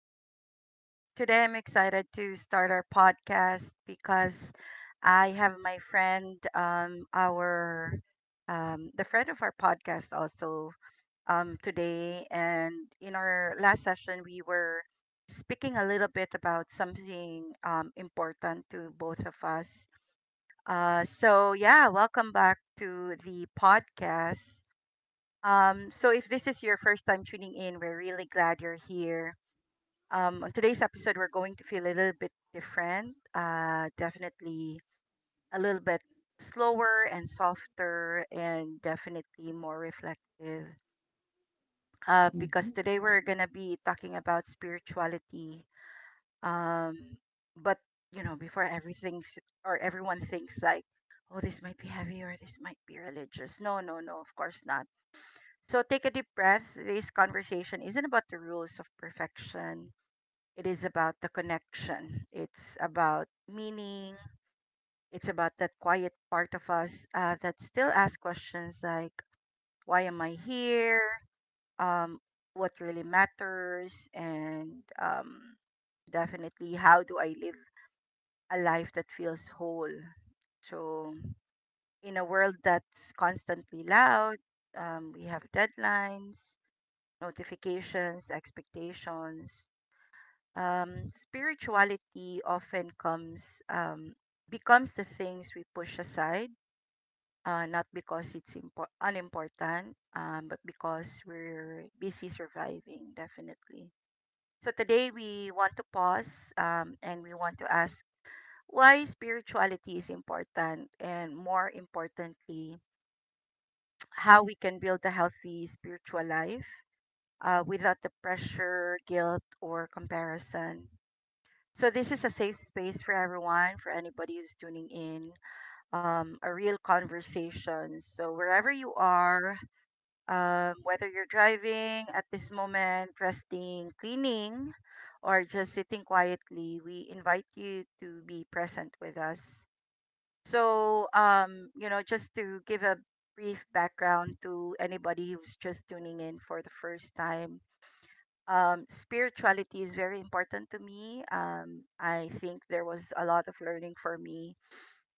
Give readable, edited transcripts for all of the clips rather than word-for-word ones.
day. Today I'm excited to start our podcast because I have my friend, our the friend of our podcast also today. And in our last session, we were speaking a little bit about something important to both of us. Yeah, welcome back to the podcast. So if this is your first time tuning in, we're really glad you're here. On today's episode, we're going to feel a little bit different, definitely a little bit slower and softer, and definitely more reflective. Because Mhm. today we're going to be talking about spirituality. Um, but you know, before everything or everyone thinks like, oh, this might be heavy or this might be religious. No, no, no, of course not. So take a deep breath. This conversation isn't about the rules of perfection. It is about the connection. It's about meaning. It's about that quiet part of us that still asks questions like, why am I here? Um, what really matters? And definitely, how do I live a life that feels whole? So, in a world that's constantly loud, we have deadlines, notifications, expectations. Spirituality often comes becomes the things we push aside, not because it's unimportant, but because we're busy surviving. Definitely. So today we want to pause and we want to ask why spirituality is important, and more importantly, how we can build a healthy spiritual life without the pressure, guilt, or comparison. So this is a safe space for everyone, for anybody who's tuning in, a real conversation. So wherever you are, whether you're driving at this moment, resting, cleaning, or just sitting quietly, we invite you to be present with us. So, you know, just to give a brief background to anybody who's just tuning in for the first time, spirituality is very important to me. I think there was a lot of learning for me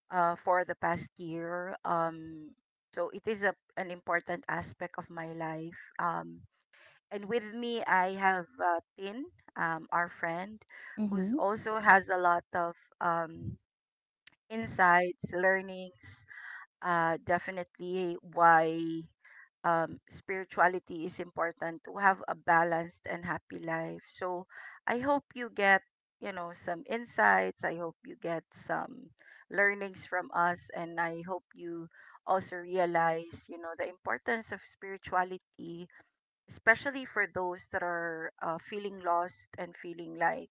for the past year. So it is an important aspect of my life. And with me, I have Tin, our friend, who's Mhm. also has a lot of um, insights, learnings. Definitely why spirituality is important to have a balanced and happy life. So I hope you get, you know, some insights. I hope you get some learnings from us. And I hope you also realize, you know, the importance of spirituality, especially for those that are feeling lost and feeling like,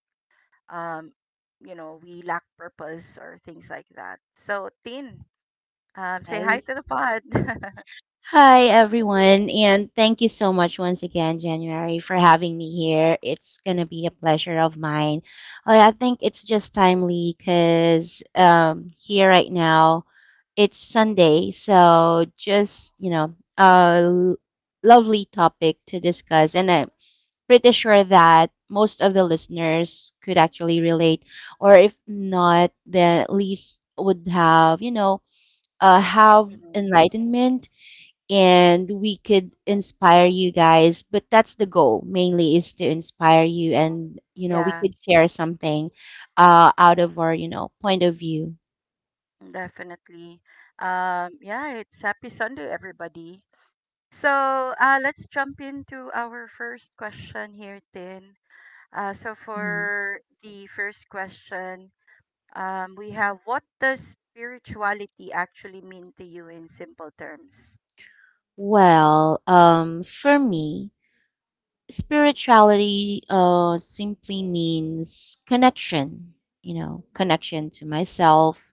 um, you know, we lack purpose or things like that. So, Tin, say hi to Yes. the pod. Hi, everyone, and thank you so much once again, January, for having me here. It's going to be a pleasure of mine. I think it's just timely because here right now it's Sunday, so just, you know, a l- lovely topic to discuss. And I'm pretty sure that most of the listeners could actually relate, or if not, then at least would have, you know, have Mhm. enlightenment, and we could inspire you guys, but that's the goal, mainly is to inspire you, and you know we Yeah. could share something out of our, you know, point of view. Definitely. Yeah, it's happy Sunday, everybody. So let's jump into our first question here, Tin. So Mhm. for the first question, we have what does spirituality actually mean to you in simple terms? Well, for me spirituality simply means connection, you know, connection to myself,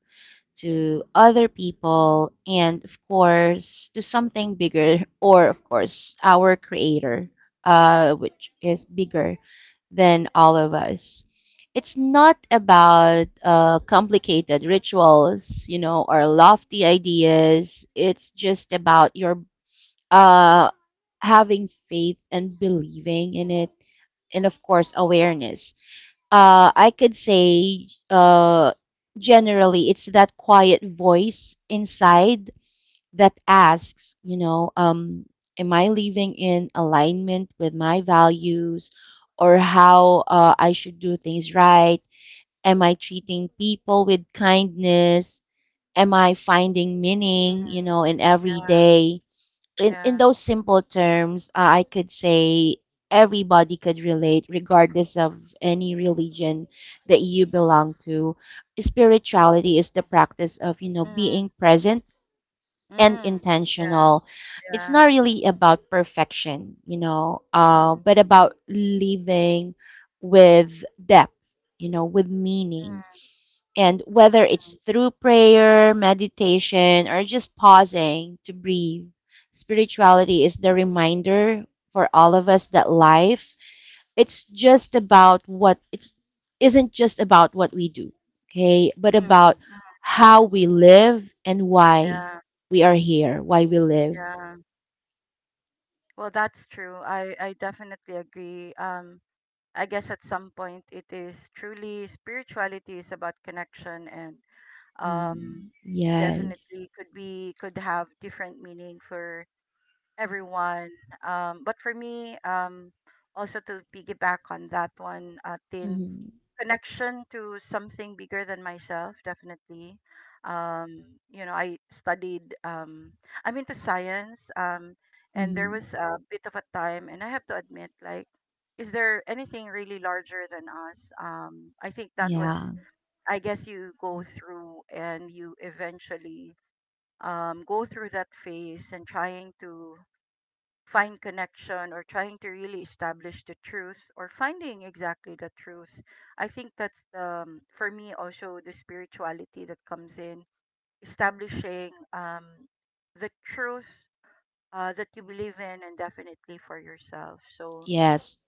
to other people, and of course, to something bigger, or of course, our creator, which is bigger than all of us. It's not about complicated rituals, you know, or lofty ideas. It's just about your uh, having faith and believing in it, and of course, awareness. I could say generally it's that quiet voice inside that asks, you know, am I living in alignment with my values, or how I should do things, right? Am I treating people with kindness? Am I finding meaning, you Mm, know, in every yeah, day? In yeah. those simple terms, I could say everybody could relate, regardless of any religion that you belong to. Spirituality is the practice of, you know, Mm, being present and mm, yeah, intentional. It's yeah. not really about perfection, you know, Mm, but about living with depth, you know, with meaning, mm, and whether it's through prayer, meditation, or just pausing to breathe, spirituality is the reminder for all of us that life it's just about what it's isn't just about what we do, okay, but mm, about mm, how mm, we live, and why yeah. we are here, why we live. Yeah. Well, that's true. I definitely agree. Um, I guess at some point it is truly spirituality is about connection and um, Mm, yes. definitely could have different meaning for everyone. But for me, also to piggyback on that one, Tin, Hmm. connection to something bigger than myself definitely. Um you know I studied, I'm into science. And there Hmm. was a bit of a time and I have to admit, like, is there anything really larger than us? I think that Yeah. was, I guess, you go through and you eventually go through that phase and trying to find connection or trying to really establish the truth or finding exactly the truth. I think that's, for me, also the spirituality that comes in, establishing the truth that you believe in, and definitely for yourself. So, Yes.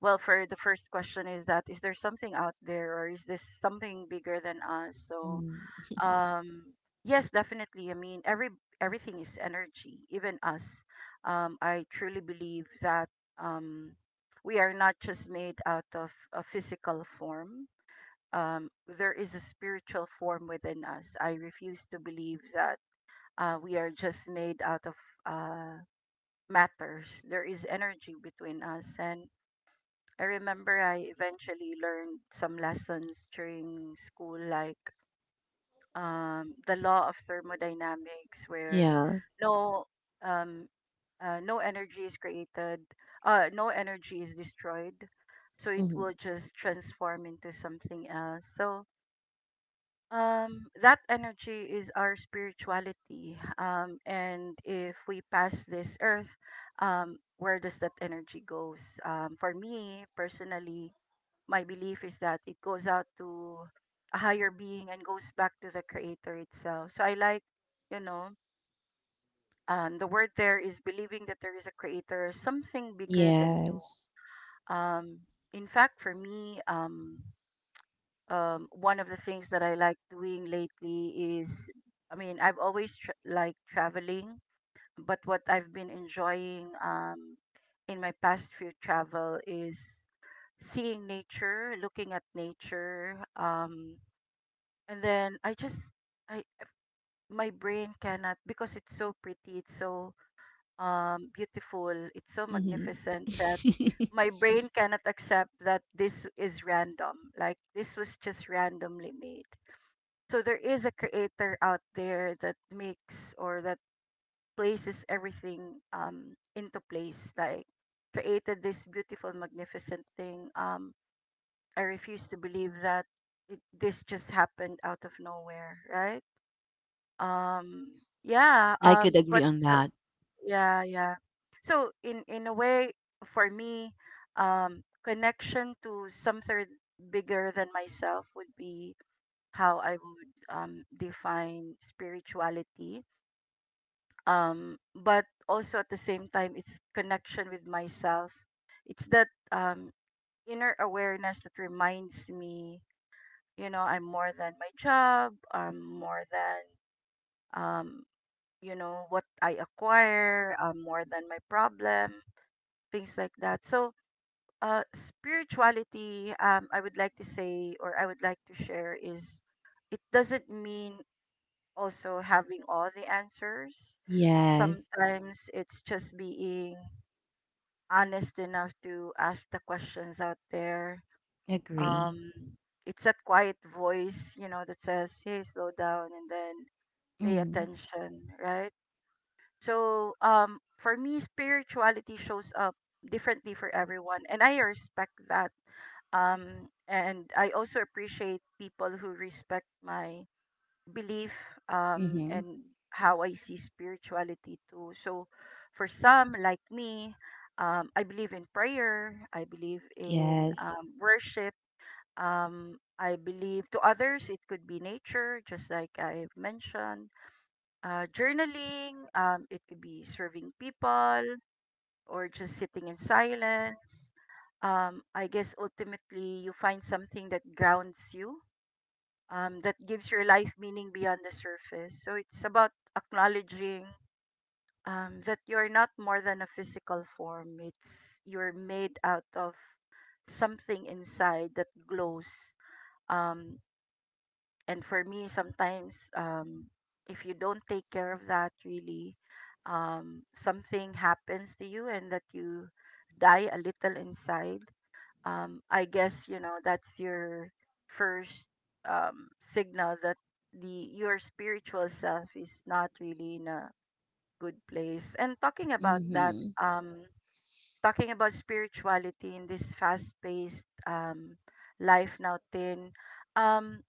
well, for the first question is that is there something out there, or is this something bigger than us? Mm, um, yes, definitely. I mean, everything is energy, even us. I truly believe that um, we are not just made out of a physical form. Um, there is a spiritual form within us. I refuse to believe that we are just made out of uh, matters. There is energy between us, and I remember I eventually learned some lessons during school, like the law of thermodynamics where yeah. no, um, no energy is created, no energy is destroyed, so it Hmm. will just transform into something else. That energy is our spirituality, and if we pass this earth, where does that energy goes? For me personally, my belief is that it goes out to a higher being and goes back to the creator itself. So I, like, you know, the word there is believing that there is a creator, something bigger than you. Yes. Um, in fact, for me, one of the things that I like doing lately is, I mean, I've always liked traveling, but what I've been enjoying in my past few travel is seeing nature, looking at nature. And then I my brain cannot, because it's so pretty, it's so beautiful, it's so Hmm. magnificent that my brain cannot accept that this is random. Like this was just randomly made. So there is a creator out there that makes, or that places everything into place. Like created this beautiful, magnificent thing. Um, I refuse to believe that this just happened out of nowhere, right? um yeah I could um agree but on so that. yeah. So, in a way, for me, connection to something bigger than myself would be how I would define spirituality. But also at the same time it's connection with myself. It's that inner awareness that reminds me, you know, I'm more than my job, I'm more than, um you know, what I acquire, more than my problem, things like that. So, spirituality, I would like to say, or I would like to share, is it doesn't mean also having all the answers. Yes, Sometimes it's just being honest enough to ask the questions out there. agree. Um, it's that quiet voice, you know, that says, hey, slow down and then pay Mm-hmm. attention, right? So, for me, spirituality shows up differently for everyone, and I respect that. And I also appreciate people who respect my belief, Mm-hmm. and how I see spirituality too. So, for some like me, I believe in prayer. I believe in Yes. Worship. I believe to others it could be nature, just like I've mentioned, journaling, it could be serving people or just sitting in silence. I guess ultimately you find something that grounds you, that gives your life meaning beyond the surface. So it's about acknowledging that you're not more than a physical form, it's you're made out of something inside that glows. Um, and for me, sometimes if you don't take care of that, really, something happens to you and that you die a little inside. I guess you know that's your first signal that the your spiritual self is not really in a good place. And talking about that, Mm-hmm. um, talking about spirituality in this fast-paced life now, Tin. Um,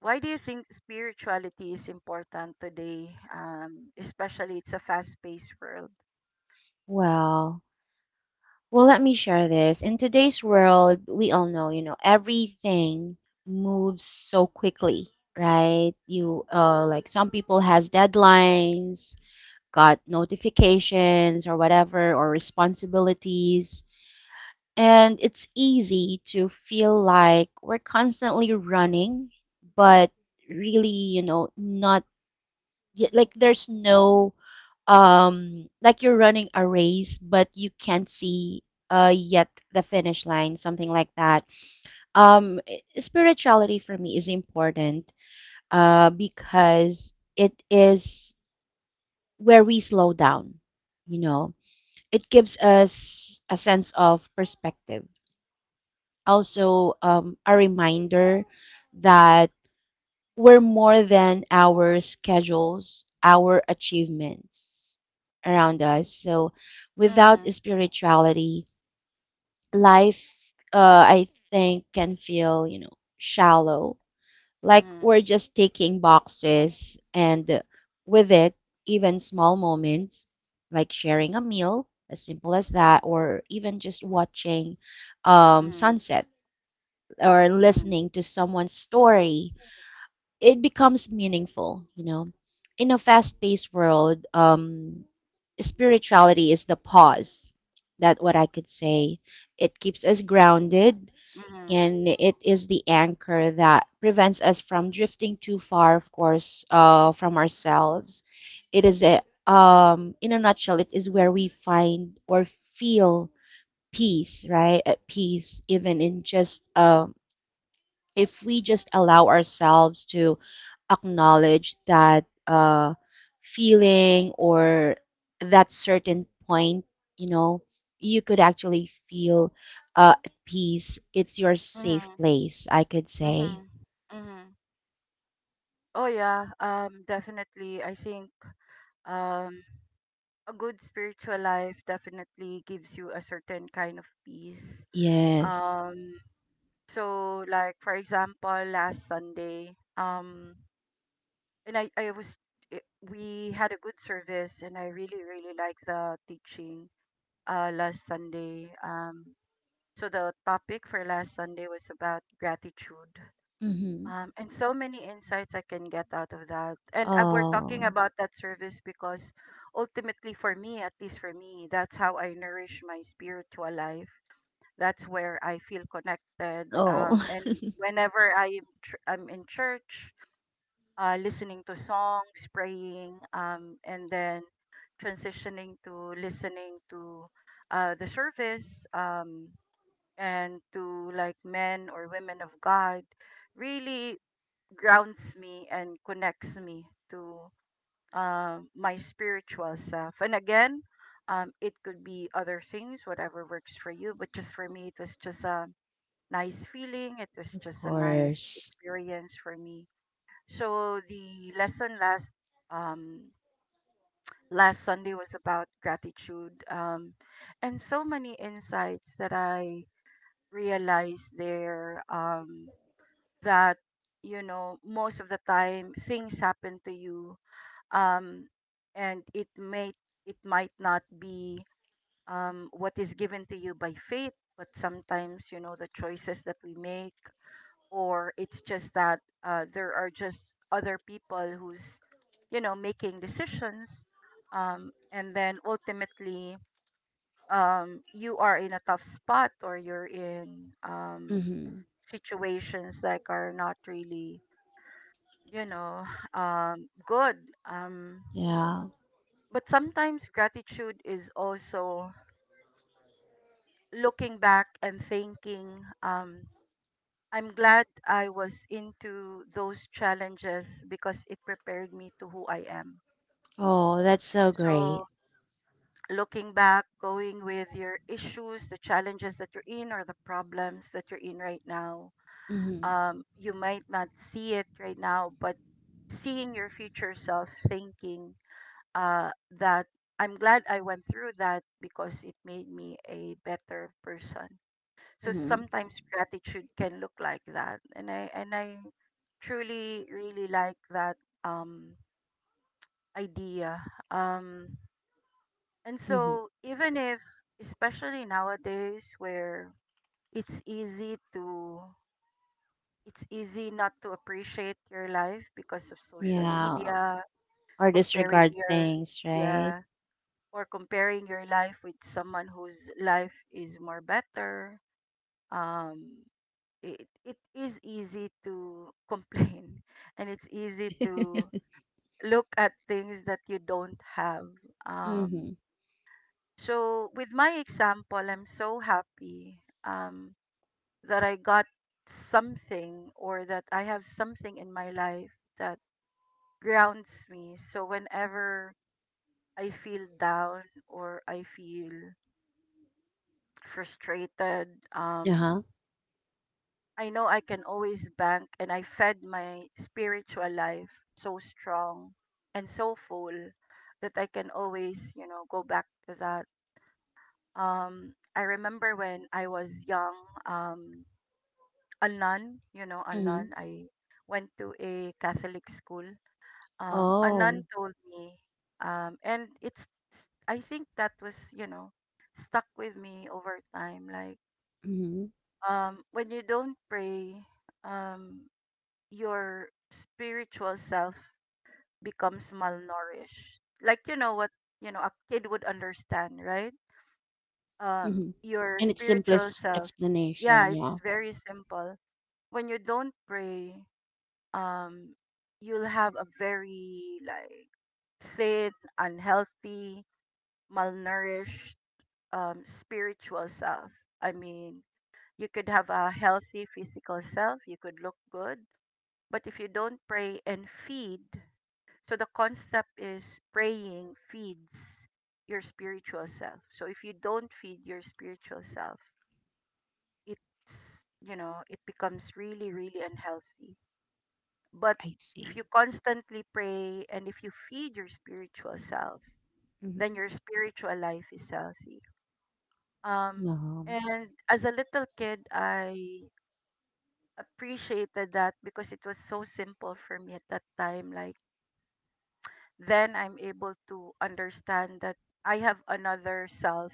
why do you think spirituality is important today, especially it's a fast-paced world? Well, well, let me share this. In today's world, we all know, you know, everything moves so quickly, right? You like some people has deadlines, got notifications or whatever, or responsibilities. And it's easy to feel like we're constantly running, but really, you know, not like there's no like you're running a race, but you can't see yet the finish line, something like that. Spirituality for me is important because it is where we slow down, you know. It gives us a sense of perspective, also a reminder that we're more than our schedules, our achievements around us. So without Mm, spirituality, life, I think, can feel, you know, shallow. Like mhm, we're just taking boxes, and with it, even small moments like sharing a meal, as simple as that, or even just watching mhm, sunset or mhm, listening to someone's story, it becomes meaningful, you know. In a fast-paced world, spirituality is the pause. That what I could say. It keeps us grounded, mhm, and it is the anchor that prevents us from drifting too far, of course, from ourselves. It is a in a nutshell, it is where we find or feel peace, right? At peace, even in just if we just allow ourselves to acknowledge that feeling or that certain point, you know, you could actually feel at peace. It's your safe mhm, place, I could say. mhm, mhm. Oh yeah, definitely. I think um, a good spiritual life definitely gives you a certain kind of peace. Yes. Um, so like for example, last Sunday, and I it, we had a good service, and I really really like the teaching last Sunday. So the topic for last Sunday was about gratitude. Mm-hmm. And so many insights I can get out of that. And we're talking Oh, about that service because ultimately, for me, at least for me, that's how I nourish my spiritual life. That's where I feel connected. Um, oh, and whenever I am I'm in church, listening to songs, praying, and then transitioning to listening to the service, and to like men or women of God really grounds me and connects me to my spiritual self. And again, it could be other things, whatever works for you, but just for me, it was just a nice feeling. It was of just a nice course. experience for me. So the lesson last um last Sunday was about gratitude, and so many insights that I realized there, that you know most of the time things happen to you um and it might not be what is given to you by fate, but sometimes you know the choices that we make, or it's just that there are just other people who's you know making decisions, and then ultimately, you are in a tough spot or you're in Mm-hmm. situations that are not really you know good um, Yeah. but sometimes gratitude is also looking back and thinking I'm glad I was into those challenges because it prepared me to who I am. Oh, that's so So, great. looking back, going with your issues, the challenges that you're in, or the problems that you're in right now, Mm-hmm. You might not see it right now, but seeing your future self thinking uh, that I'm glad I went through that because it made me a better person. So Mm-hmm. sometimes gratitude can look like that. And I truly really like that um idea. Um and Mm-hmm. so even if especially nowadays where it's easy to it's easy not to appreciate your life because of social Yeah. media, Or comparing disregard your things, right? yeah, or comparing your life with someone whose life is more better. Um it is easy to complain and it's easy to look at things that you don't have um Mhm. so with my example, I'm so happy um that I got something, or that I have something in my life that grounds me. So whenever I feel down or I feel frustrated um Uh-huh. I know I can always bank, and I fed my spiritual life so strong and so full that I can always, you know, go back to that. I remember when I was young, um, a nun, you know, a Mhm. nun, I went to a Catholic school. A Oh. nun told me, and I think that was, you know, stuck with me over time. Like, Mhm. When you don't pray, um, your spiritual self becomes malnourished. Like you know what, you know a kid would understand, right? Mhm. Your In its spiritual simplest self. Yeah, explanation, it's yeah. very simple. When you don't pray, um, you'll have a very like thin, unhealthy, malnourished, spiritual self. I mean, you could have a healthy physical self, you could look good, but if you don't pray and feed. So the concept is praying feeds your spiritual self. So if you don't feed your spiritual self, it's you know, it becomes really, really unhealthy. But I if see. you constantly pray and if you feed your spiritual self, then Mhm. your spiritual life is healthy. Um Um, and as a little kid I appreciated that because it was so simple for me at that time. Like then I'm able to understand that I have another self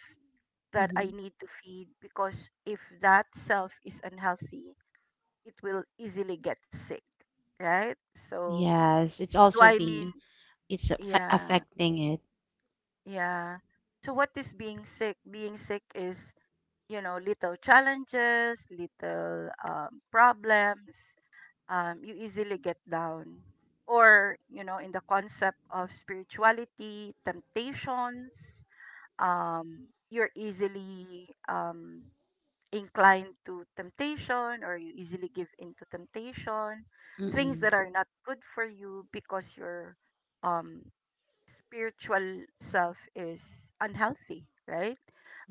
that I mhm. need to feed, because if that self is unhealthy, it will easily get sick, right? So, Yes, it's what do also I mean? being, Yeah, affecting it. yeah. So, what is being sick? Being sick is, you know, little challenges, little problems. You easily get down. Or, you know, in the concept of spirituality, temptations, you're easily inclined to temptation, or you easily give into temptation, things Mm-mm. that are not good for you because your um, spiritual self is unhealthy, right?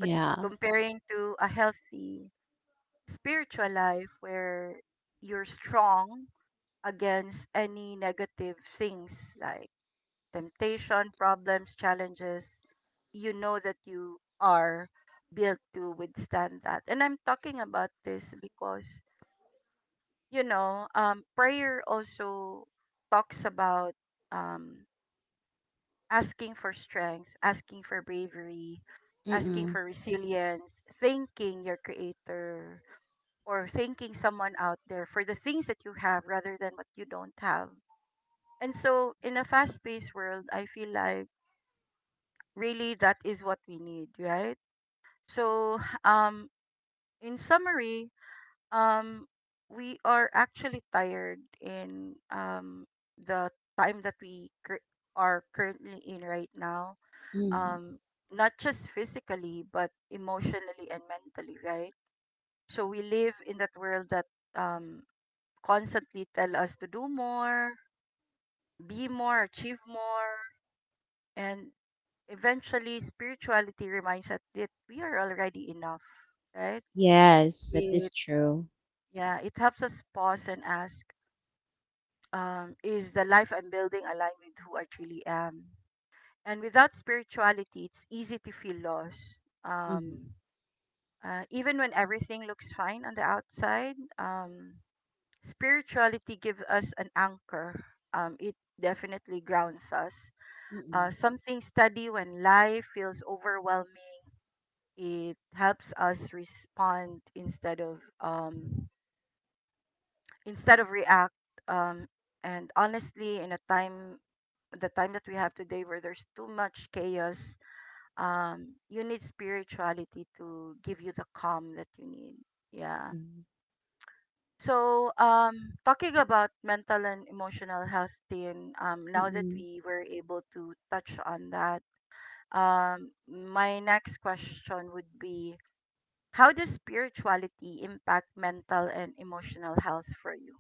But comparing to a healthy spiritual life where you're strong against any negative things like temptation, problems, challenges, you know that you are built to withstand that. And I'm talking about this because, you know, prayer also talks about um, asking for strength, asking for bravery, asking Mm-mm. for resilience, thanking your creator or thanking someone out there for the things that you have rather than what you don't have. And so, in a fast paced world, I feel like really that is what we need, right? So um in summary um we are actually tired in the time that we cur- are currently in right now Mm. um not just physically but emotionally and mentally, right? So we live in that world that um constantly tell us to do more, be more, achieve more, and eventually spirituality reminds us that we are already enough, right? Yes, that is It true. yeah, it helps us pause and ask, is the life I'm building aligned with who I truly am? And without spirituality, it's easy to feel lost. Um, Mhm. Even when everything looks fine on the outside, spirituality gives us an anchor. It definitely grounds us. Mm-mm. Something steady when life feels overwhelming, it helps us respond instead of react, um, and honestly in a time the time that we have today where there's too much chaos, you need spirituality to give you the calm that you need, yeah. Yeah. So talking about mental and emotional health team, now that Mm-mm. we were able to touch on that, my next question would be: how does spirituality impact mental and emotional health for you?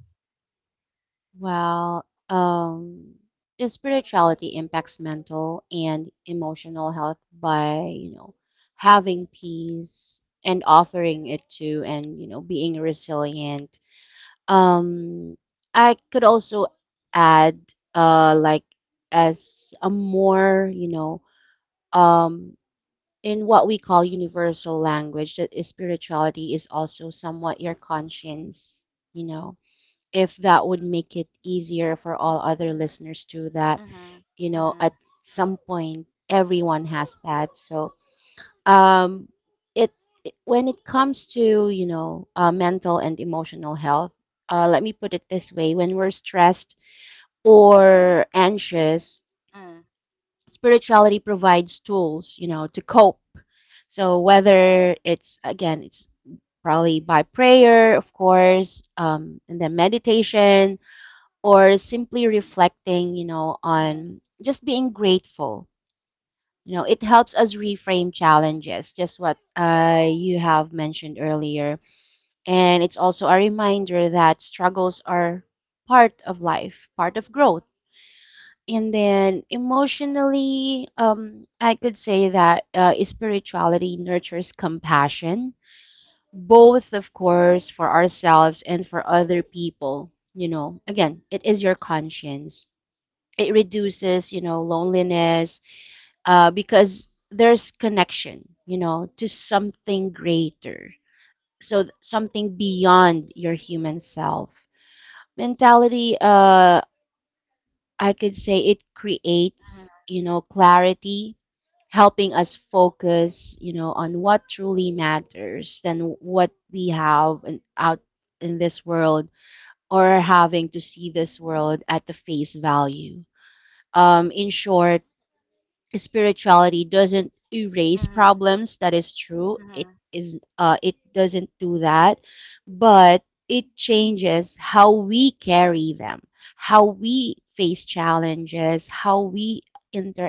Well, spirituality impacts mental and emotional health by, you know, having peace and offering it to, and, you know, being resilient. Um, I could also add, like as a more, you know, um, in what we call universal language, that is spirituality is also somewhat your conscience, you know, if that would make it easier for all other listeners too, that, Mm-hmm. you know, Mm-hmm. at some point everyone has that. So um it when it comes to, you know, mental and emotional health, let me put it this way: when we're stressed Mm-hmm. or anxious, Mm-hmm. spirituality provides tools, you know, to cope. So whether it's, again, it's probably by prayer, of course, and then meditation, or simply reflecting, you know, Mm-hmm. on just being grateful. You know, it helps us reframe challenges, just what you have mentioned earlier. And it's also a reminder that struggles are part of life, part of growth. And then emotionally, I could say that spirituality nurtures compassion, both, of course, for ourselves and for other people. You know, again, it is your conscience. It reduces, you know, loneliness, because there's connection, you know, to something greater, so something beyond your human self. Mentality, I could say, it creates, you know, clarity, helping us focus, you know, on what truly matters, than what we have in, out in this world, or having to see this world at the face value. In short, spirituality doesn't erase Mm-hmm. problems, that is true. It Mm-hmm. is, it doesn't do that, but it changes how we carry them, how we face challenges, how we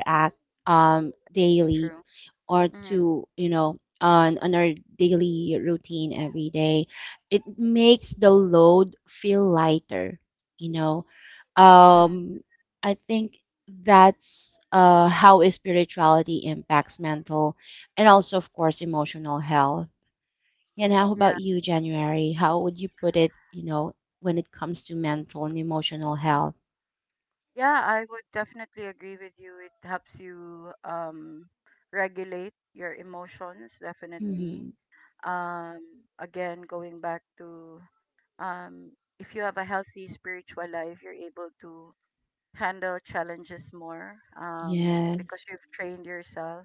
Mm-hmm. Daily, True. or Mm-hmm. to, you know, on our daily routine every day. It makes the load feel lighter, you know. Mm-hmm. Um i think that's how is spirituality impacts mental, and also of course emotional health. And how Yeah. about you, January, how would you put it, you know, when it comes to mental and emotional health? Yeah, I would definitely agree with you. It helps you regulate your emotions, definitely. Mm-hmm. Um, again, going back to um if you have a healthy spiritual life, you're able to handle challenges more, because Yes. you've trained yourself.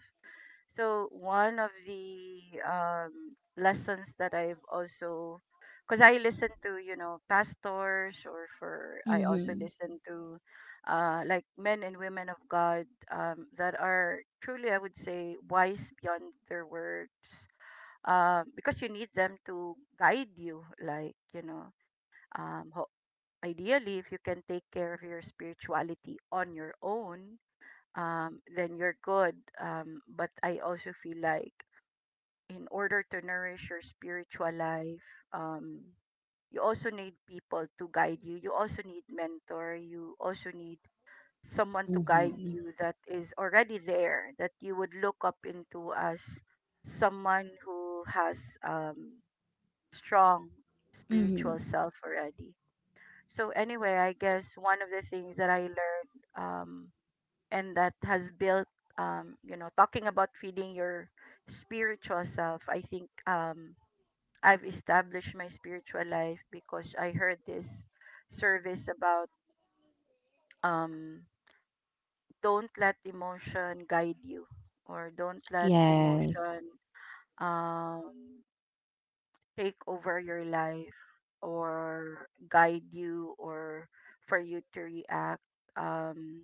So one of the lessons that I've also, because I listen to you know pastors, or for I also Mm-hmm. listen to like men and women of God, that are truly I would say wise beyond their words, because you need them to guide you, like you know, um, ho- ideally, if you can take care of your spirituality on your own, then you're good. But I also feel like in order to nourish your spiritual life, um, you also need people to guide you. You also need mentor. You also need someone to guide Mm-hmm. you that is already there, that you would look up into as someone who has strong Mm-hmm. spiritual self already. So anyway, I guess one of the things that I learned, and that has built, you know, talking about feeding your spiritual self, I think I've established my spiritual life because I heard this service about um, don't let emotion guide you, or don't let Yes, emotion um, take over your life, or guide you, or for you to react. Um,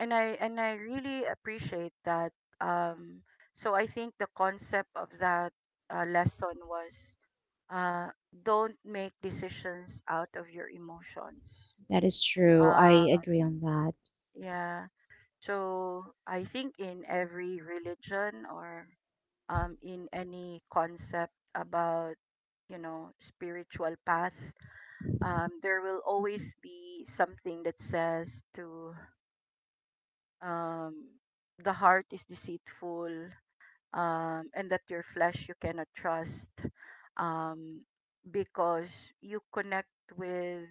and I really appreciate that. Um, so I think the concept of that lesson was uh, don't make decisions out of your emotions. that is true, I Um, agree on that. yeah. So I think in every religion, or in any concept about you know spiritual path, there will always be something that says to um, the heart is deceitful, and that your flesh you cannot trust, um, because you connect with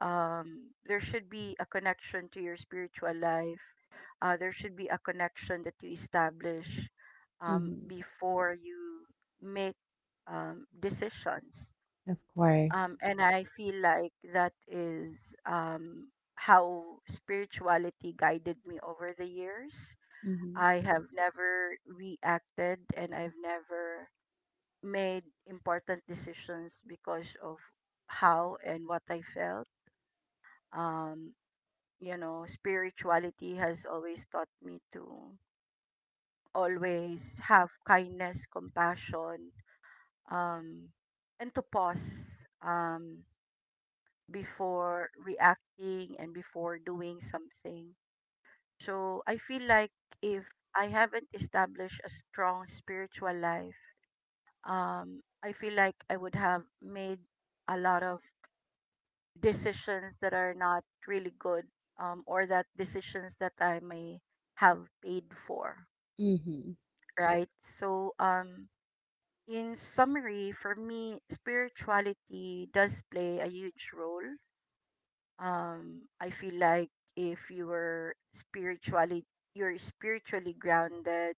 there should be a connection to your spiritual life, there should be a connection that you establish, Mm-hmm. before you make decisions, Of course. And I feel like that is how spirituality guided me over the years. Mm-hmm. I have never reacted, and I've never made important decisions because of how and what I felt. Um, you know, spirituality has always taught me to always have kindness, compassion, um, and to pause, before reacting and before doing something. So I feel like if I haven't established a strong spiritual life, I feel like I would have made a lot of decisions that are not really good, or that decisions that I may have paid for, Mm-hmm. right? So, in summary, for me, spirituality does play a huge role. I feel like if you were spiritually, you're spiritually grounded,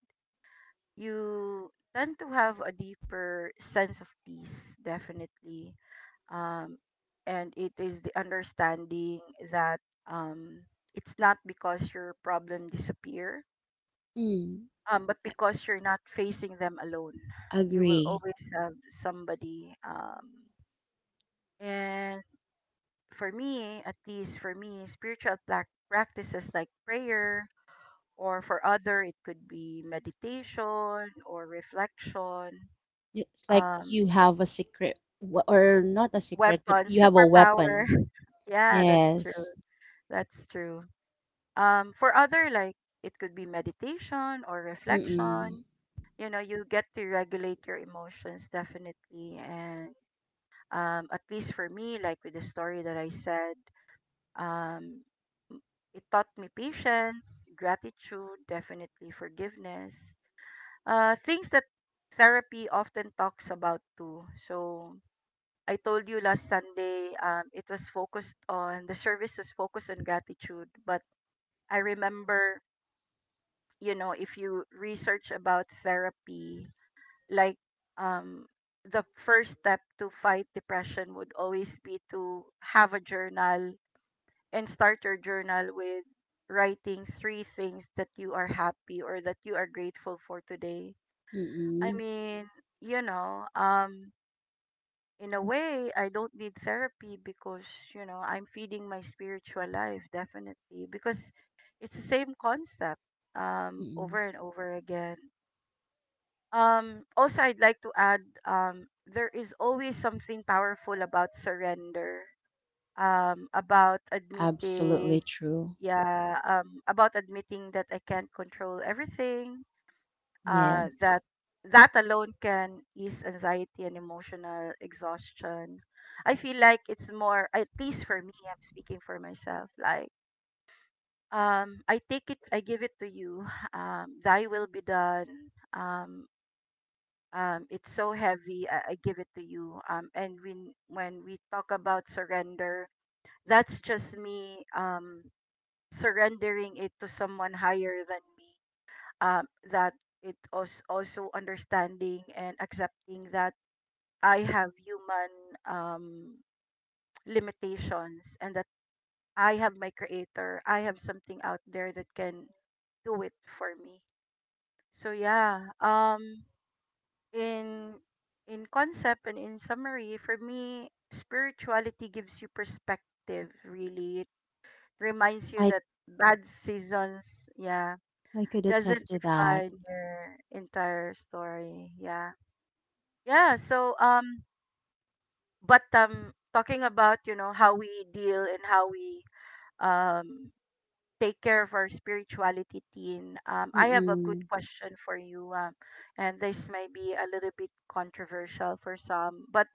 you tend to have a deeper sense of peace, definitely, um, and it is the understanding that um, it's not because your problem disappear, Mm. But because you're not facing them alone. You will Agree. always have somebody, and for me, at least for me, spiritual practices like prayer, or for other it could be meditation or reflection, It's like um, you have a secret, or not a secret, but weapons, you have a superpower. weapon. Yeah, that's true. Yes. That's true. For other, like it could be meditation or Mm-mm. reflection. You know, you get to regulate your emotions, definitely. And at least for me, like with the story that I said, um, it taught me patience, gratitude, definitely forgiveness, things that therapy often talks about too. So I told you last Sunday, it was focused on the service was focused on gratitude, but I remember, you know, if you research about therapy, like, um the first step to fight depression would always be to have a journal, and start your journal with writing 3 things that you are happy or that you are grateful for today. I Mm-mm. mean, you know, in a way I don't need therapy because, you know, I'm feeding my spiritual life, definitely, because it's the same concept, um, Mm-mm. over and over again. Also, I'd like to add there is always something powerful about surrender, about admitting, Absolutely true. yeah, about admitting that I can't control everything, that Yes. that alone can ease anxiety and emotional exhaustion. I feel like it's more, at least for me, I'm speaking for myself, like, I take it, I give it to you. Thy will be done. Um, um, it's so heavy. I give it to you. And when we talk about surrender, that's just me surrendering it to someone higher than me. Um, that it also understanding and accepting that I have human limitations, and that I have my creator. I have something out there that can do it for me. So yeah. In in concept and in summary, for me, spirituality gives you perspective. Really, it reminds you I that bad seasons, yeah, I could doesn't attest to that. define your entire story. Yeah, yeah. So but Talking about how we deal and how we um take care of our spirituality, Teen, I have a good Mm-mm. question for you. And this may be a little bit controversial for some, but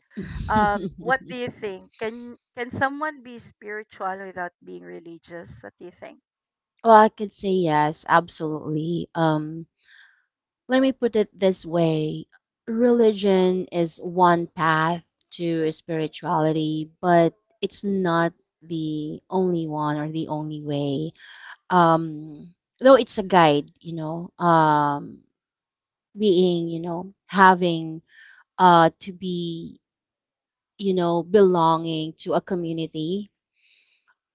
what do you think, can someone be spiritual without being religious? What do you think? Well, I could say yes, absolutely. Let me put it this way. Religion is one path to spirituality, but it's not the only one, or the only way. um though it's a guide, you know, being, you know, having to be, you know, belonging to a community.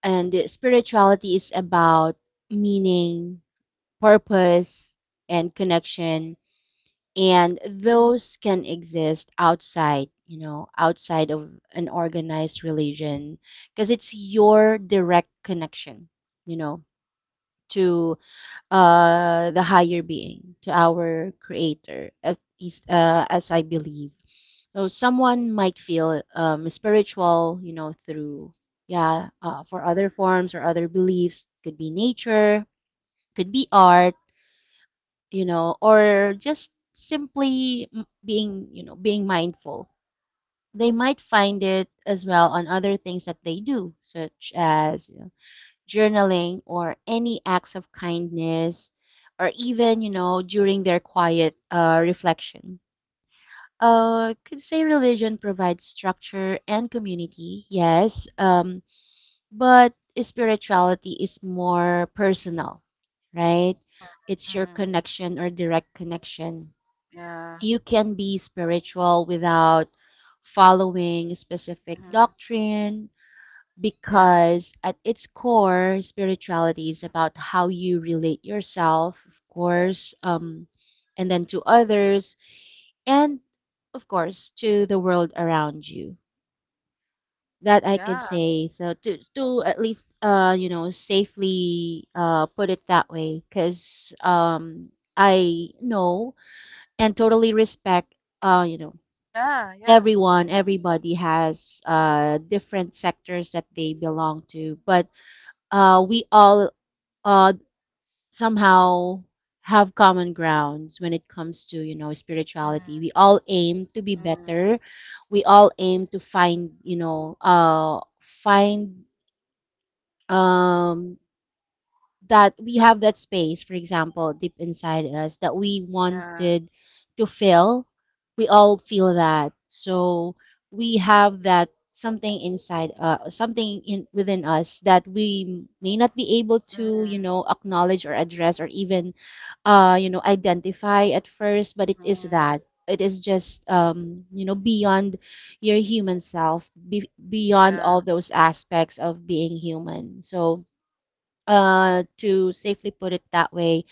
And spirituality is about meaning, purpose, and connection, and those can exist outside, you know, outside of an organized religion, because it's your direct connection, you know, to the higher being, to our creator, at least as I believe. So someone might feel spiritual, you know, through, yeah, for other forms or other beliefs, could be nature, could be art, you know, or just simply being, you know, being mindful. They might find it as well on other things that they do, such as journaling or any acts of kindness, or even, you know, during their quiet reflection. Could say religion provides structure and community, yes, but spirituality is more personal, right? Mm. It's your Mm, connection or direct connection. yeah. You can be spiritual without following specific Mm, doctrine, yeah. because at its core, spirituality is about how you relate yourself, of course, and then to others, and of course to the world around you. That I could Yeah, say. So to at least you know, safely put it that way, because I know and totally respect, you know, yeah, yeah. everyone, Mm, everybody has different sectors that they belong to. But we all uh, somehow have common grounds when it comes to, you know, spirituality. We all aim to be mm, better, we all aim to find, you know, find um that we have that space, for example, deep inside us that we yeah. wanted to fill. We all feel that. So we have that something inside, something in within us, that we may not be able to, Mm, you know, acknowledge or address, or even you know, identify at first, but it is mm, that, it is just you know, beyond your human self, beyond yeah. all those aspects of being human. So to safely put it that way,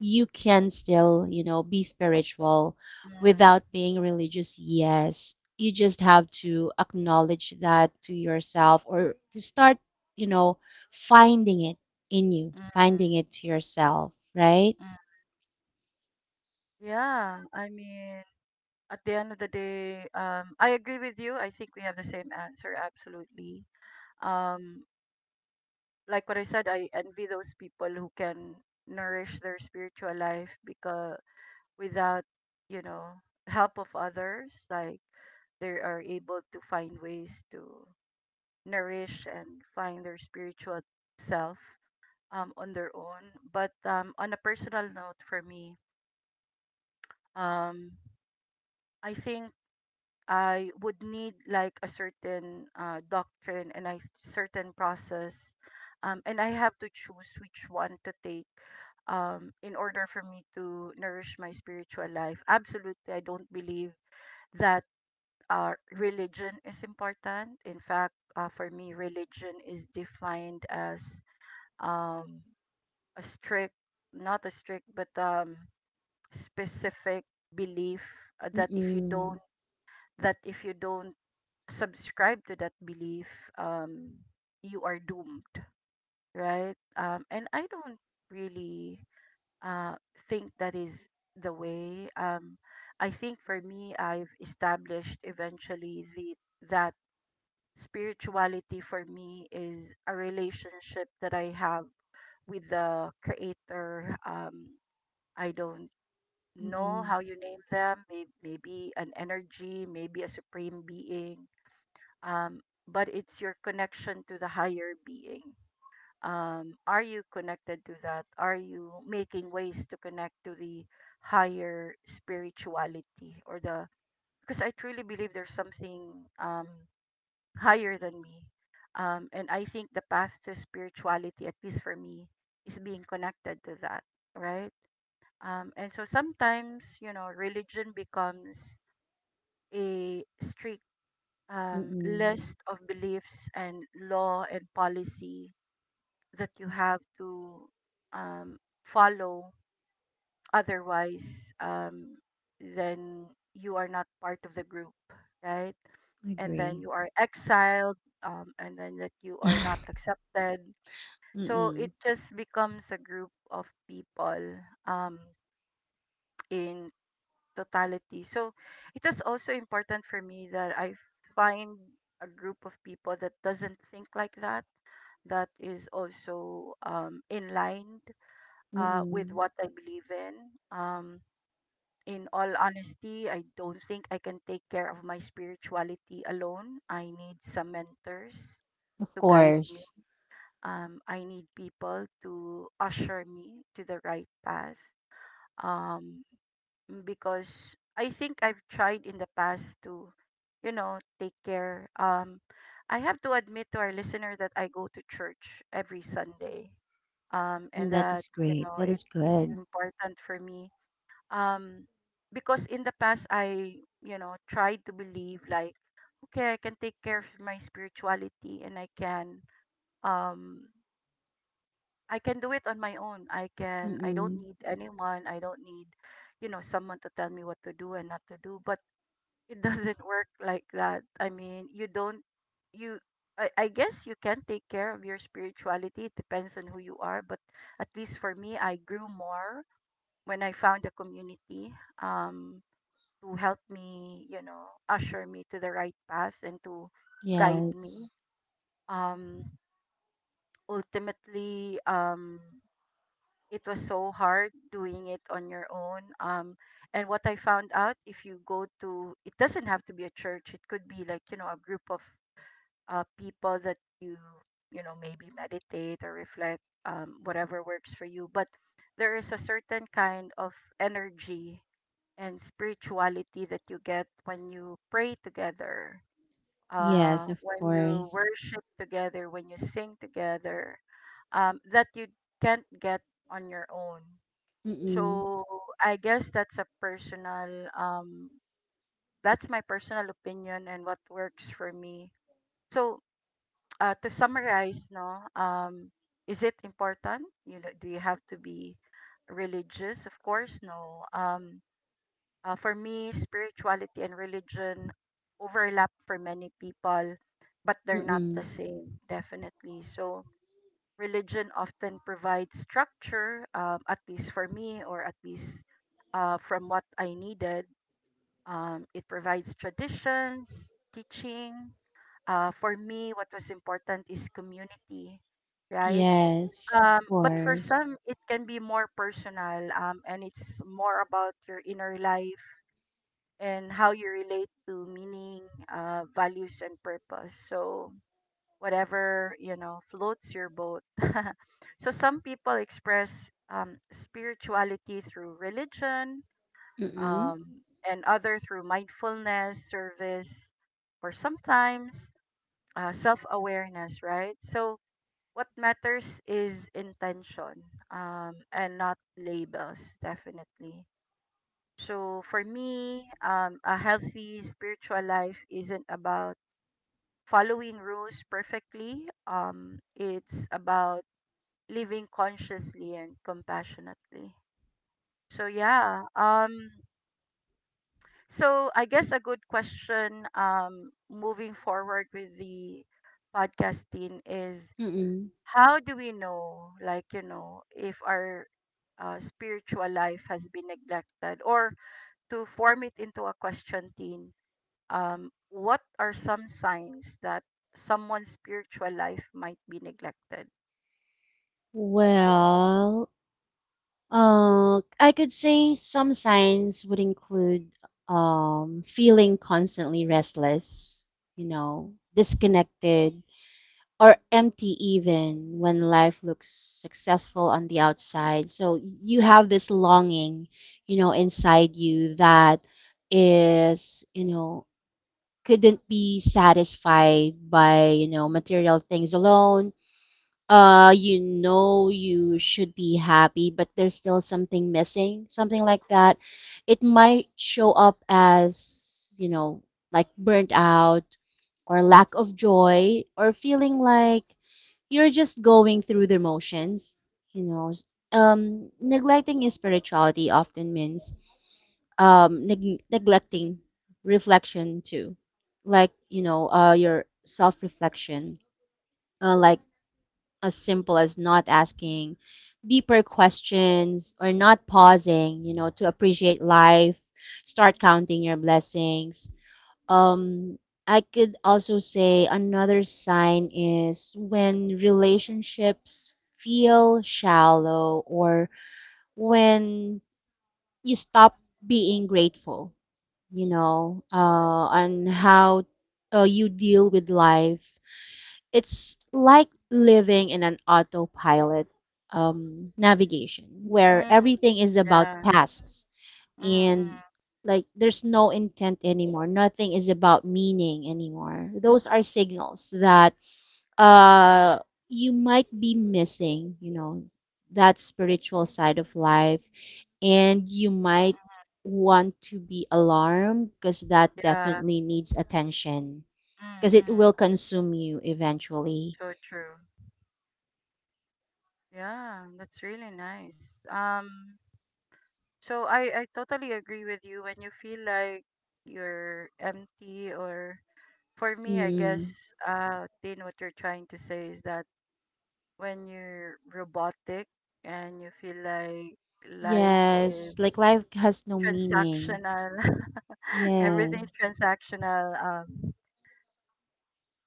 you can still, you know, be spiritual without Mm, being religious. Yes, you just have to acknowledge that to yourself, or to start, you know, finding it in you, mm, finding it to yourself, right? mm. Yeah, I mean, at the end of the day, I agree with you. I think we have the same answer, absolutely. Um, like what I said, I envy those people who can nourish their spiritual life because without, you know, help of others, like, they are able to find ways to nourish and find their spiritual self on their own. But on a personal note, for me, um, I think I would need like a certain doctrine and a certain process, and I have to choose which one to take in order for me to nourish my spiritual life. Absolutely, I don't believe that religion is important. In fact, for me, religion is defined as um, a strict, not a strict, but specific belief that if you don't Mm-mm. that if you don't subscribe to that belief, um, you are doomed, right? And I don't really uh, think that is the way. I think for me, I've established eventually the that spirituality for me is a relationship that I have with the Creator. I don't know Mm-mm. how you name them. May- Maybe an energy, maybe a supreme being, um, but it's your connection to the higher being. Are you connected to that? Are you making ways to connect to the higher spirituality or the? Because I truly believe there's something um, higher than me, and I think the path to spirituality, at least for me, is being connected to that, right? And so sometimes religion becomes a strict Mm-mm. list of beliefs and law and policy that you have to um, follow. Otherwise, then you are not part of the group, right? And then Agree. you are exiled, and then that you are not accepted. So Mm-mm. it just becomes a group of people um, in totality. So it is also important for me that I find a group of people that doesn't think like that, that is also in line with Mm-mm. what I believe in. Um, in all honesty, I don't think I can take care of my spirituality alone. I need some mentors Of to guide me. course. I need people to usher me to the right path. Um, because I think I've tried in the past to, you know, take care. I have to admit to our listener that I go to church every Sunday, and That that is great, that it is is good. important for me, um, because in the past I tried to believe like, okay, I can take care of my spirituality, and um, I can do it on my own. I can, I don't Mm-mm. need anyone, I don't need someone to tell me what to do and not to do. But it doesn't work like that. I mean, you don't, you I guess you can take care of your spirituality. It depends on who you are, but at least for me, I grew more when I found a community um to help me, you know, usher me to the right path and to guide me. Yes. Um ultimately, it was so hard doing it on your own. And what I found out, if you go to, it doesn't have to be a church. It could be like a group of people that you know maybe meditate or reflect, whatever works for you. But there is a certain kind of energy and spirituality that you get when you pray together, Yes, of when you course. worship together, when you sing together, that you can't get on your own. Mm-mm. So I guess that's a personal that's my personal opinion and what works for me. So to summarize, no, is it important? You know, do you have to be religious? Of course, no. For me, spirituality and religion overlap for many people, but they're not Mm-mm. the same, definitely. So religion often provides structure, at least for me, or at least from what I needed. It provides traditions, teaching. For me, what was important is community, right? Yes, of But for course. some, it can be more personal, and it's more about your inner life and how you relate to meaning, values, and purpose. So, whatever floats your boat. So some people express spirituality through religion, Mm-mm. um, and other through mindfulness, service, or sometimes self-awareness, right? So what matters is intention, and not labels, definitely. So for me, a healthy spiritual life isn't about following rules perfectly. It's about living consciously and compassionately. So yeah. So I guess a good question, moving forward with the podcasting, is Mm-mm. how do we know, like, if our spiritual life has been neglected, or to form it into a question, Teen, what are some signs that someone's spiritual life might be neglected? Well, I could say some signs would include feeling constantly restless, you know, disconnected, or empty even when life looks successful on the outside. So you have this longing, you know, inside you that is, you know, couldn't be satisfied by, you know, material things alone. You know, you should be happy, but there's still something missing, something like that. It might show up as, like burnt out or lack of joy or feeling like you're just going through the motions, you know. Neglecting his spirituality often means neglecting reflection too, like your self-reflection, like as simple as not asking deeper questions or not pausing, to appreciate life, start counting your blessings. um, I could also say another sign is when relationships feel shallow or when you stop being grateful, you know, uh, on how you deal with life. It's like living in an autopilot navigation where Mm, everything is about yeah. tasks and Mm-mm, like there's no intent anymore, nothing is about meaning anymore. Those are signals that uh you might be missing, that spiritual side of life, and you might want to be alarmed because that yeah. definitely needs attention because it Mm-mm. will consume you eventually. So true. Yeah, that's really nice. So I totally agree with you when you feel like you're empty, or for me, I guess, Mm. Tin, what you're trying to say is that when you're robotic and you feel like life is Yes, like life has no meaning. transactional. Everything's Yes. transactional. Um,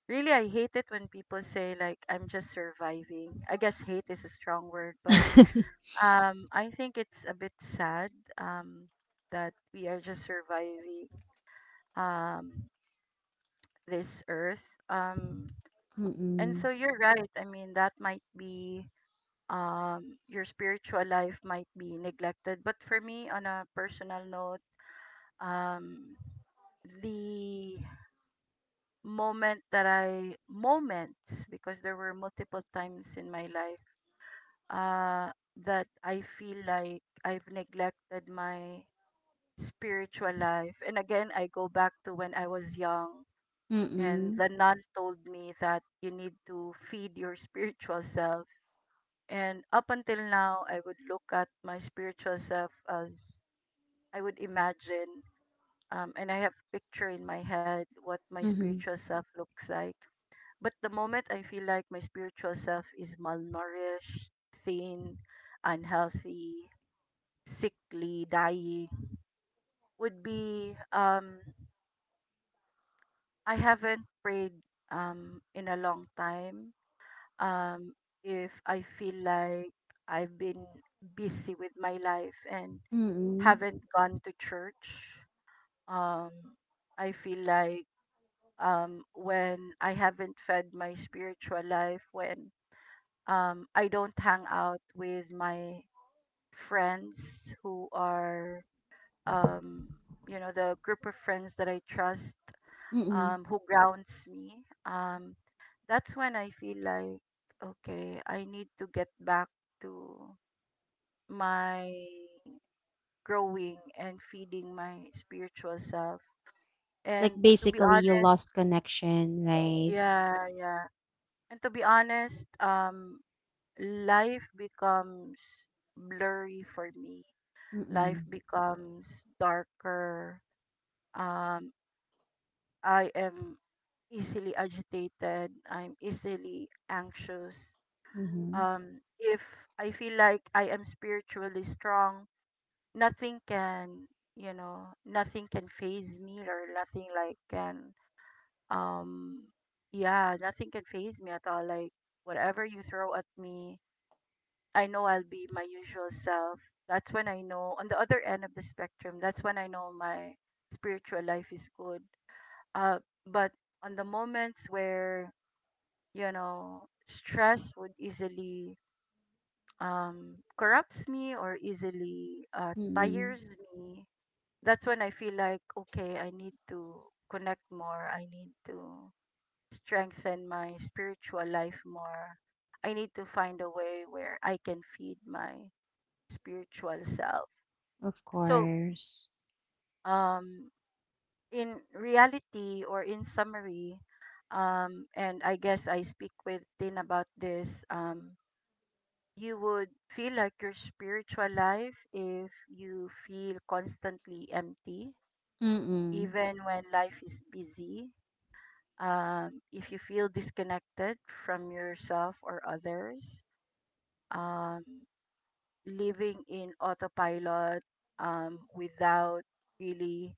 really, I hate it when people say like I'm just surviving. I guess hate is a strong word, but I think it's a bit sad, um, that we are just surviving um, this earth. And Mm-mm. so you're right. I mean, that might be, your spiritual life might be neglected, but for me, on a personal note, um, the moment that I moments because there were multiple times in my life uh that I feel like I've neglected my spiritual life. And again, I go back to when I was young and Mm-mm. the nun told me that you need to feed your spiritual self. And up until now, I would look at my spiritual self as I would imagine, and I have picture in my head what my Mhm. spiritual self looks like. But the moment I feel like my spiritual self is malnourished, thin, unhealthy, sickly, dying, would be I haven't prayed in a long time. Um, if I feel like I've been busy with my life and Mm. haven't gone to church, um, I feel like, when I haven't fed my spiritual life, when I don't hang out with my friends who are, um, you know, the group of friends that I trust, Mm. Who grounds me. That's when I feel like, okay, I need to get back to my growing and feeding my spiritual self. Like And to be basically you honest, lost connection, right? yeah, yeah. And to be honest, life becomes blurry for me, life Mm. becomes darker. Um, I am easily agitated. I'm easily anxious. Mhm. If I feel like I am spiritually strong, nothing can, you know, nothing can phase me, or nothing like can, um, yeah, nothing can phase me at all. Like whatever you throw at me, I know I'll be my usual self. That's when I know on the other end of the spectrum, that's when I know my spiritual life is good. Uh, but on the moments where, you know, stress would easily corrupts me, or easily Mm. tires me, that's when I feel like, okay, I need to connect more. I need to strengthen my spiritual life more. I need to find a way where I can feed my spiritual self. Of So, course. um, in reality or in summary, and I guess I speak with Tin about this, you would feel like your spiritual life if you feel constantly empty, Mm. even when life is busy. If you feel disconnected from yourself or others, um, living in autopilot without really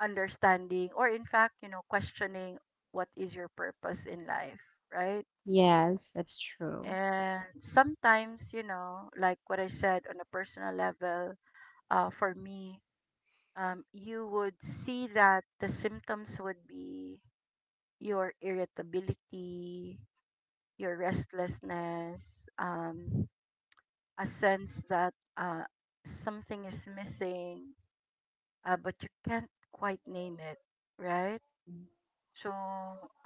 understanding, or in fact, questioning what is your purpose in life, right? Yes, that's true. And sometimes, like what I said, on a personal level, for me, you would see that the symptoms would be your irritability, your restlessness, a sense that, something is missing, but you can't quite name it, right? So,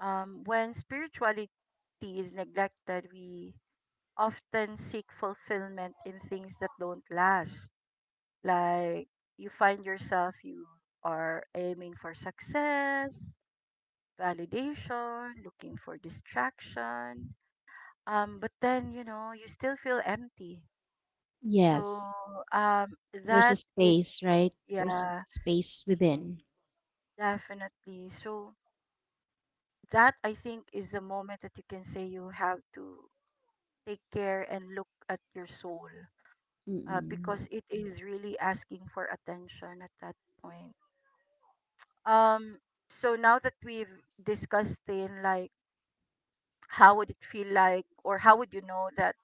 when spirituality is neglected, we often seek fulfillment in things that don't last. Like, you find yourself, you are aiming for success, validation, looking for distraction. But then, you still feel empty. So, Yes. um, There's a that is, space, right? There's a yeah, space within. definitely. So, that I think is the moment that you can say you have to take care and look at your soul, Mm. because it is really asking for attention at that point. Um, so now that we've discussed, in like how would it feel like, or how would you know that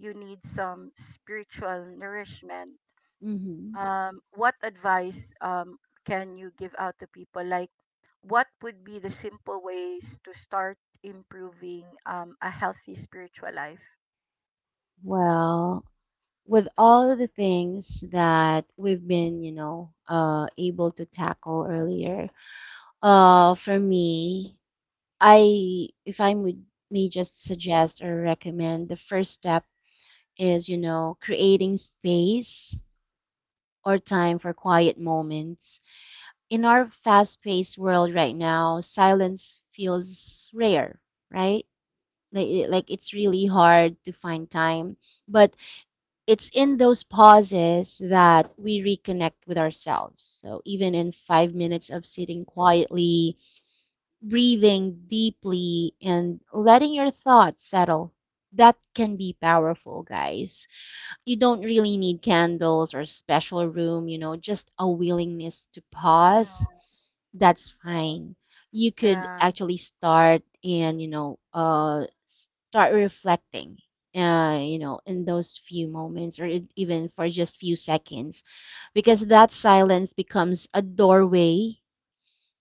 you need some spiritual nourishment, Mhm. What advice can you give out to people? Like, what would be the simple ways to start improving a healthy spiritual life? Well, with all of the things that we've been, able to tackle earlier, uh, for me, if I would, may just suggest or recommend, the first step is, you know, creating space or time for quiet moments. In our fast-paced world right now, silence feels rare, right? Like it's really hard to find time, but it's in those pauses that we reconnect with ourselves. So even in 5 minutes of sitting quietly, breathing deeply and letting your thoughts settle. That can be powerful, guys. You don't really need candles or special room, you know, just a willingness to pause. Mm. That's fine. You could Yeah. actually start and, start reflecting, in those few moments or even for just few seconds, because that silence becomes a doorway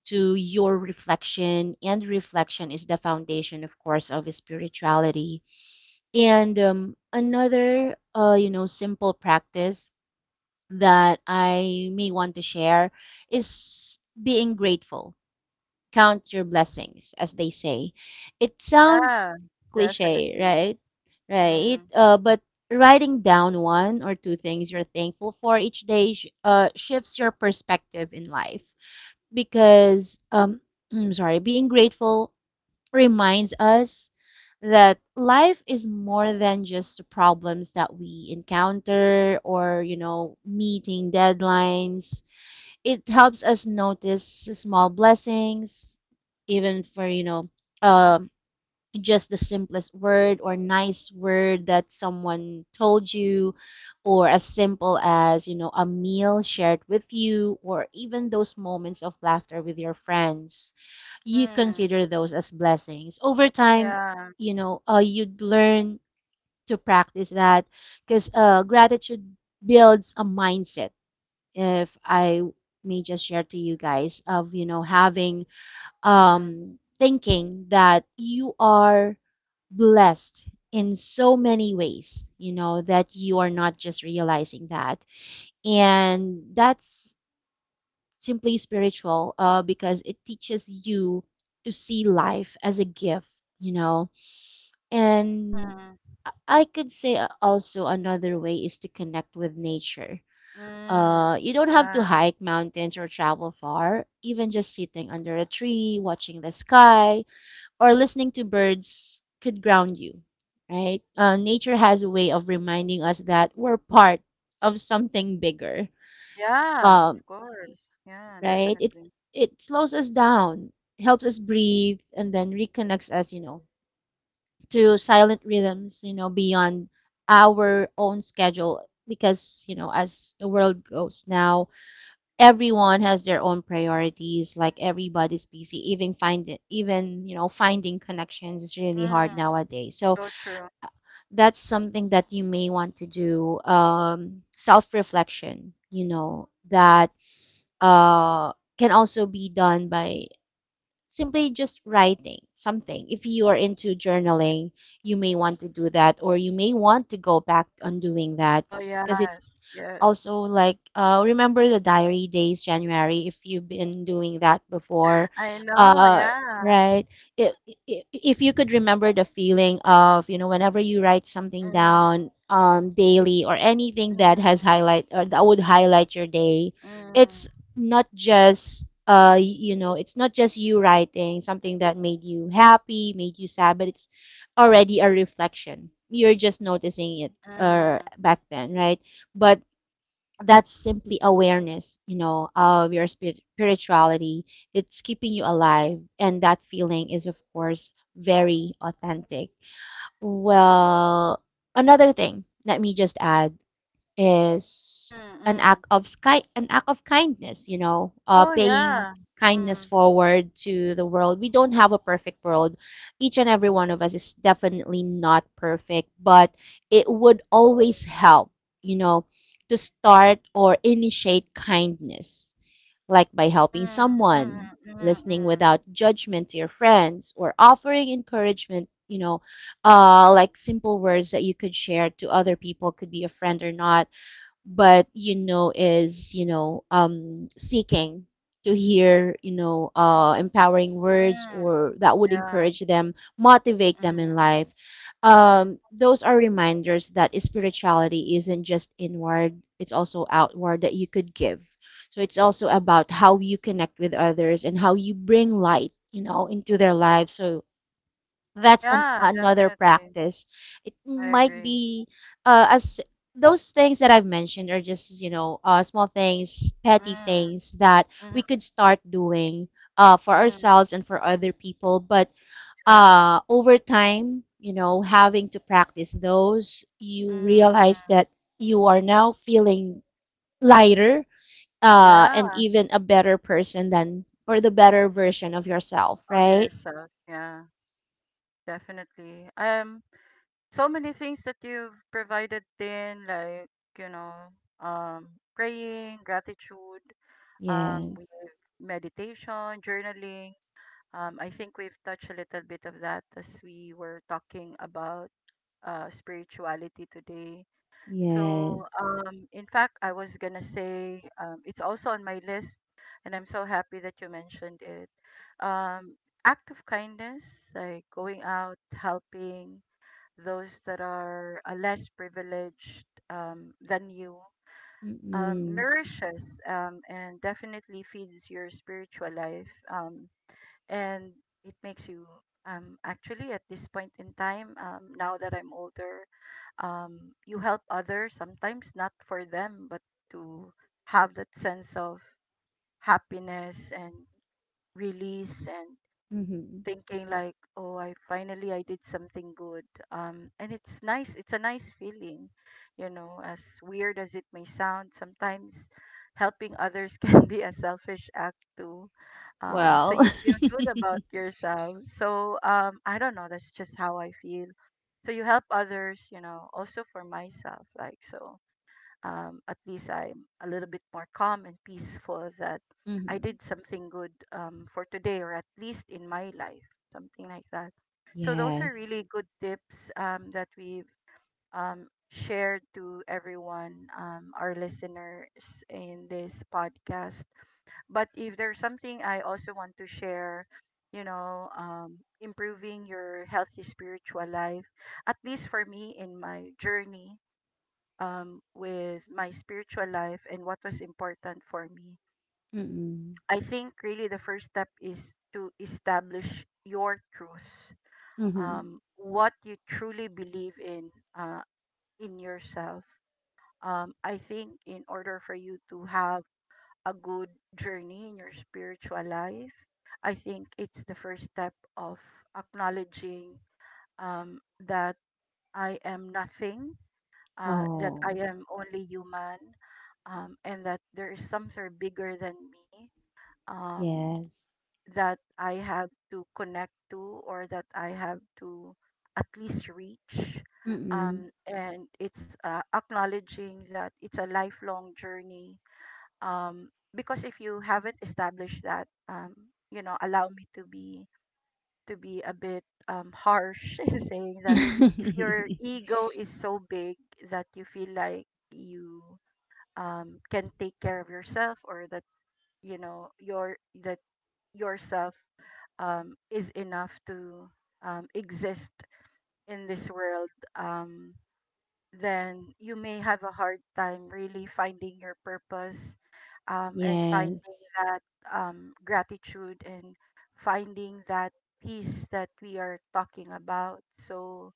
to your reflection, and reflection is the foundation of course of spirituality. And another simple practice that I may want to share is being grateful, count your blessings as they say. It sounds Yeah, cliche, definitely. right? Right, Mm. But writing down one or two things you're thankful for each day shifts your perspective in life, because I'm sorry, being grateful reminds us that life is more than just the problems that we encounter or you know meeting deadlines. It helps us notice small blessings, even for um just the simplest word or nice word that someone told you, or as simple as, you know, a meal shared with you, or even those moments of laughter with your friends, you Mm. consider those as blessings. Over time, Yeah. You'd learn to practice that, because gratitude builds a mindset. If I may just share to you guys, of, you know, having Mm-hmm. Thinking that you are blessed in so many ways, you know, that you are not just realizing that. And that's simply spiritual, because it teaches you to see life as a gift, you know. And Mm-hmm. I could say, also another way is to connect with nature. Mm. You don't have to Yeah. hike mountains or travel far, even just sitting under a tree, watching the sky, or listening to birds could ground you, right? Nature has a way of reminding us that we're part of something bigger, Yeah, of um, course. Yeah, right? Definitely. It slows us down, helps us breathe, and then reconnects us, you know, to silent rhythms, you know, beyond our own schedule. Because you know, as the world goes now, everyone has their own priorities. Like everybody's busy, even find it, even you know finding connections is really hard Mm. nowadays. So So true. that's something that you may want to do, self reflection, you know, that uh, can also be done by simply just writing something. If you are into journaling, you may want to do that, or you may want to go back on doing that, Oh, because it's yes. Yes. also like, remember the diary days january if you've been doing that before, I know. uh, Yeah. right? if, if you could remember the feeling of you know whenever you write something Mm. down, daily or anything that has Mm. highlight or that would highlight your day, Mm. it's not just, you know it's not just you writing something that made you happy made you sad, but it's already a reflection, you're just noticing it, Mm. back then, right? But that's simply awareness, you know, of your spirituality. It's keeping you alive. And that feeling is, of course, very authentic. Well, another thing, let me just add is Mm. an Mm. act of sky an act of kindness, you know, Oh, paying yeah. kindness Mm. forward to the world. We don't have a perfect world, each and every one of us is definitely not perfect, but it would always help, you know, to start or initiate kindness, like by helping Mm. someone, Mm. listening Mm. without judgment to your friends, or offering encouragement, you know, like simple words that you could share to other people, could be a friend or not, but you know is you know seeking to hear, empowering Mm. Mm. words, Mm, or that would yeah. encourage them, motivate them in Mm. life. Mm. Those are reminders that spirituality isn't just inward, it's also outward, that you could give. So it's also about how you connect with others and how you bring light, you know, into their lives. So that's Yeah, another definitely. practice, it I might agree. be as those things that I've mentioned are just, you know, small things, petty Mm, things, that mm, we could start doing, for mm, ourselves and for other people. But, yeah. Over time, you know, having to practice those, you Mm, realize mm. that you are now feeling lighter, and Yeah, even a better person than or the better version of yourself, of right? yourself. Yeah, definitely. So many things that you've provided in, like, you know, um, praying, gratitude, we Yes. have meditation, journaling. I think we've touched a little bit of that as we were talking about spirituality today. So, Yes. In fact, I was gonna say it's also on my list, and I'm so happy that you mentioned it. Um, act of kindness, like going out, helping those that are, less privileged, than you, Mm. nourishes, and definitely feeds your spiritual life, and it makes you. Actually, at this point in time, now that I'm older, um, you help others sometimes not for them but to have that sense of happiness and release, and Mhm. thinking like, oh, I finally I did something good, and it's nice, it's a nice feeling, as weird as it may sound sometimes, helping others can be a selfish act too, so Well. you feel good about yourself. So I don't know. That's just how I feel. So you help others. Also for myself, like so. At least I'm a little bit more calm and peaceful that I Mhm. did something good, for today, or at least in my life, something like that. So those are Yes. really good tips, that we've, shared to everyone, our listeners in this podcast, but if there's something I also want to share, improving your healthy spiritual life, at least for me in my journey, with my spiritual life and what was important for me, Mm. I think really the first step is to establish your truth, Mhm. What you truly believe in, uh, in yourself. I think in order for you to have a good journey in your spiritual life, I think it's the first step of acknowledging, um, that I am nothing, that Oh, I am only human, and that there is something bigger than me, um, yes. that I have to connect to, or that I have to at least reach. Mm. And it's, acknowledging that it's a lifelong journey, um because if you haven't established that, allow me to be a bit, harsh in saying that, if your ego is so big that you feel like you, can take care of yourself, or that you know your that yourself, is enough to, exist in this world, um then you may have a hard time really finding your purpose, and finding Yes. that, gratitude, and finding that peace that we are talking about. So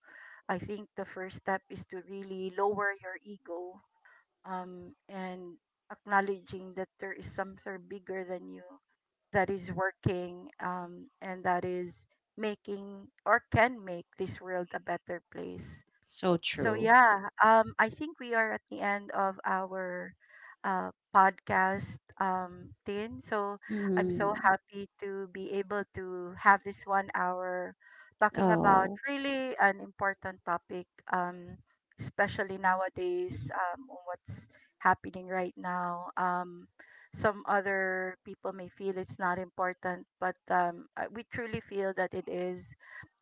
I think the first step is to really lower your ego, and acknowledging that there is something bigger than you that is working, and that is making or can make this world a better place. So So true. yeah, I think we are at the end of our, podcast, Tin. So I'm so Mm. happy to be able to have this 1 hour talking about Oh, really an important topic, um, especially nowadays, on what's happening right now. Some other people may feel it's not important, but we truly feel that it is,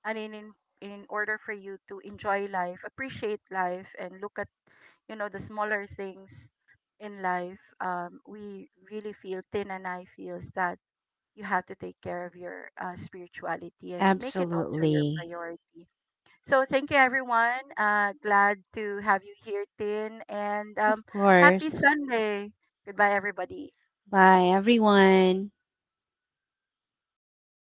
and in, in order for you to enjoy life, appreciate life, and look at, the smaller things in life, we really feel Tin and I feels that you have to take care of your, spirituality and make it also your absolutely. priority. So thank you everyone, glad to have you here, Tin, and Of happy course. Sunday. Goodbye everybody. Bye, everyone.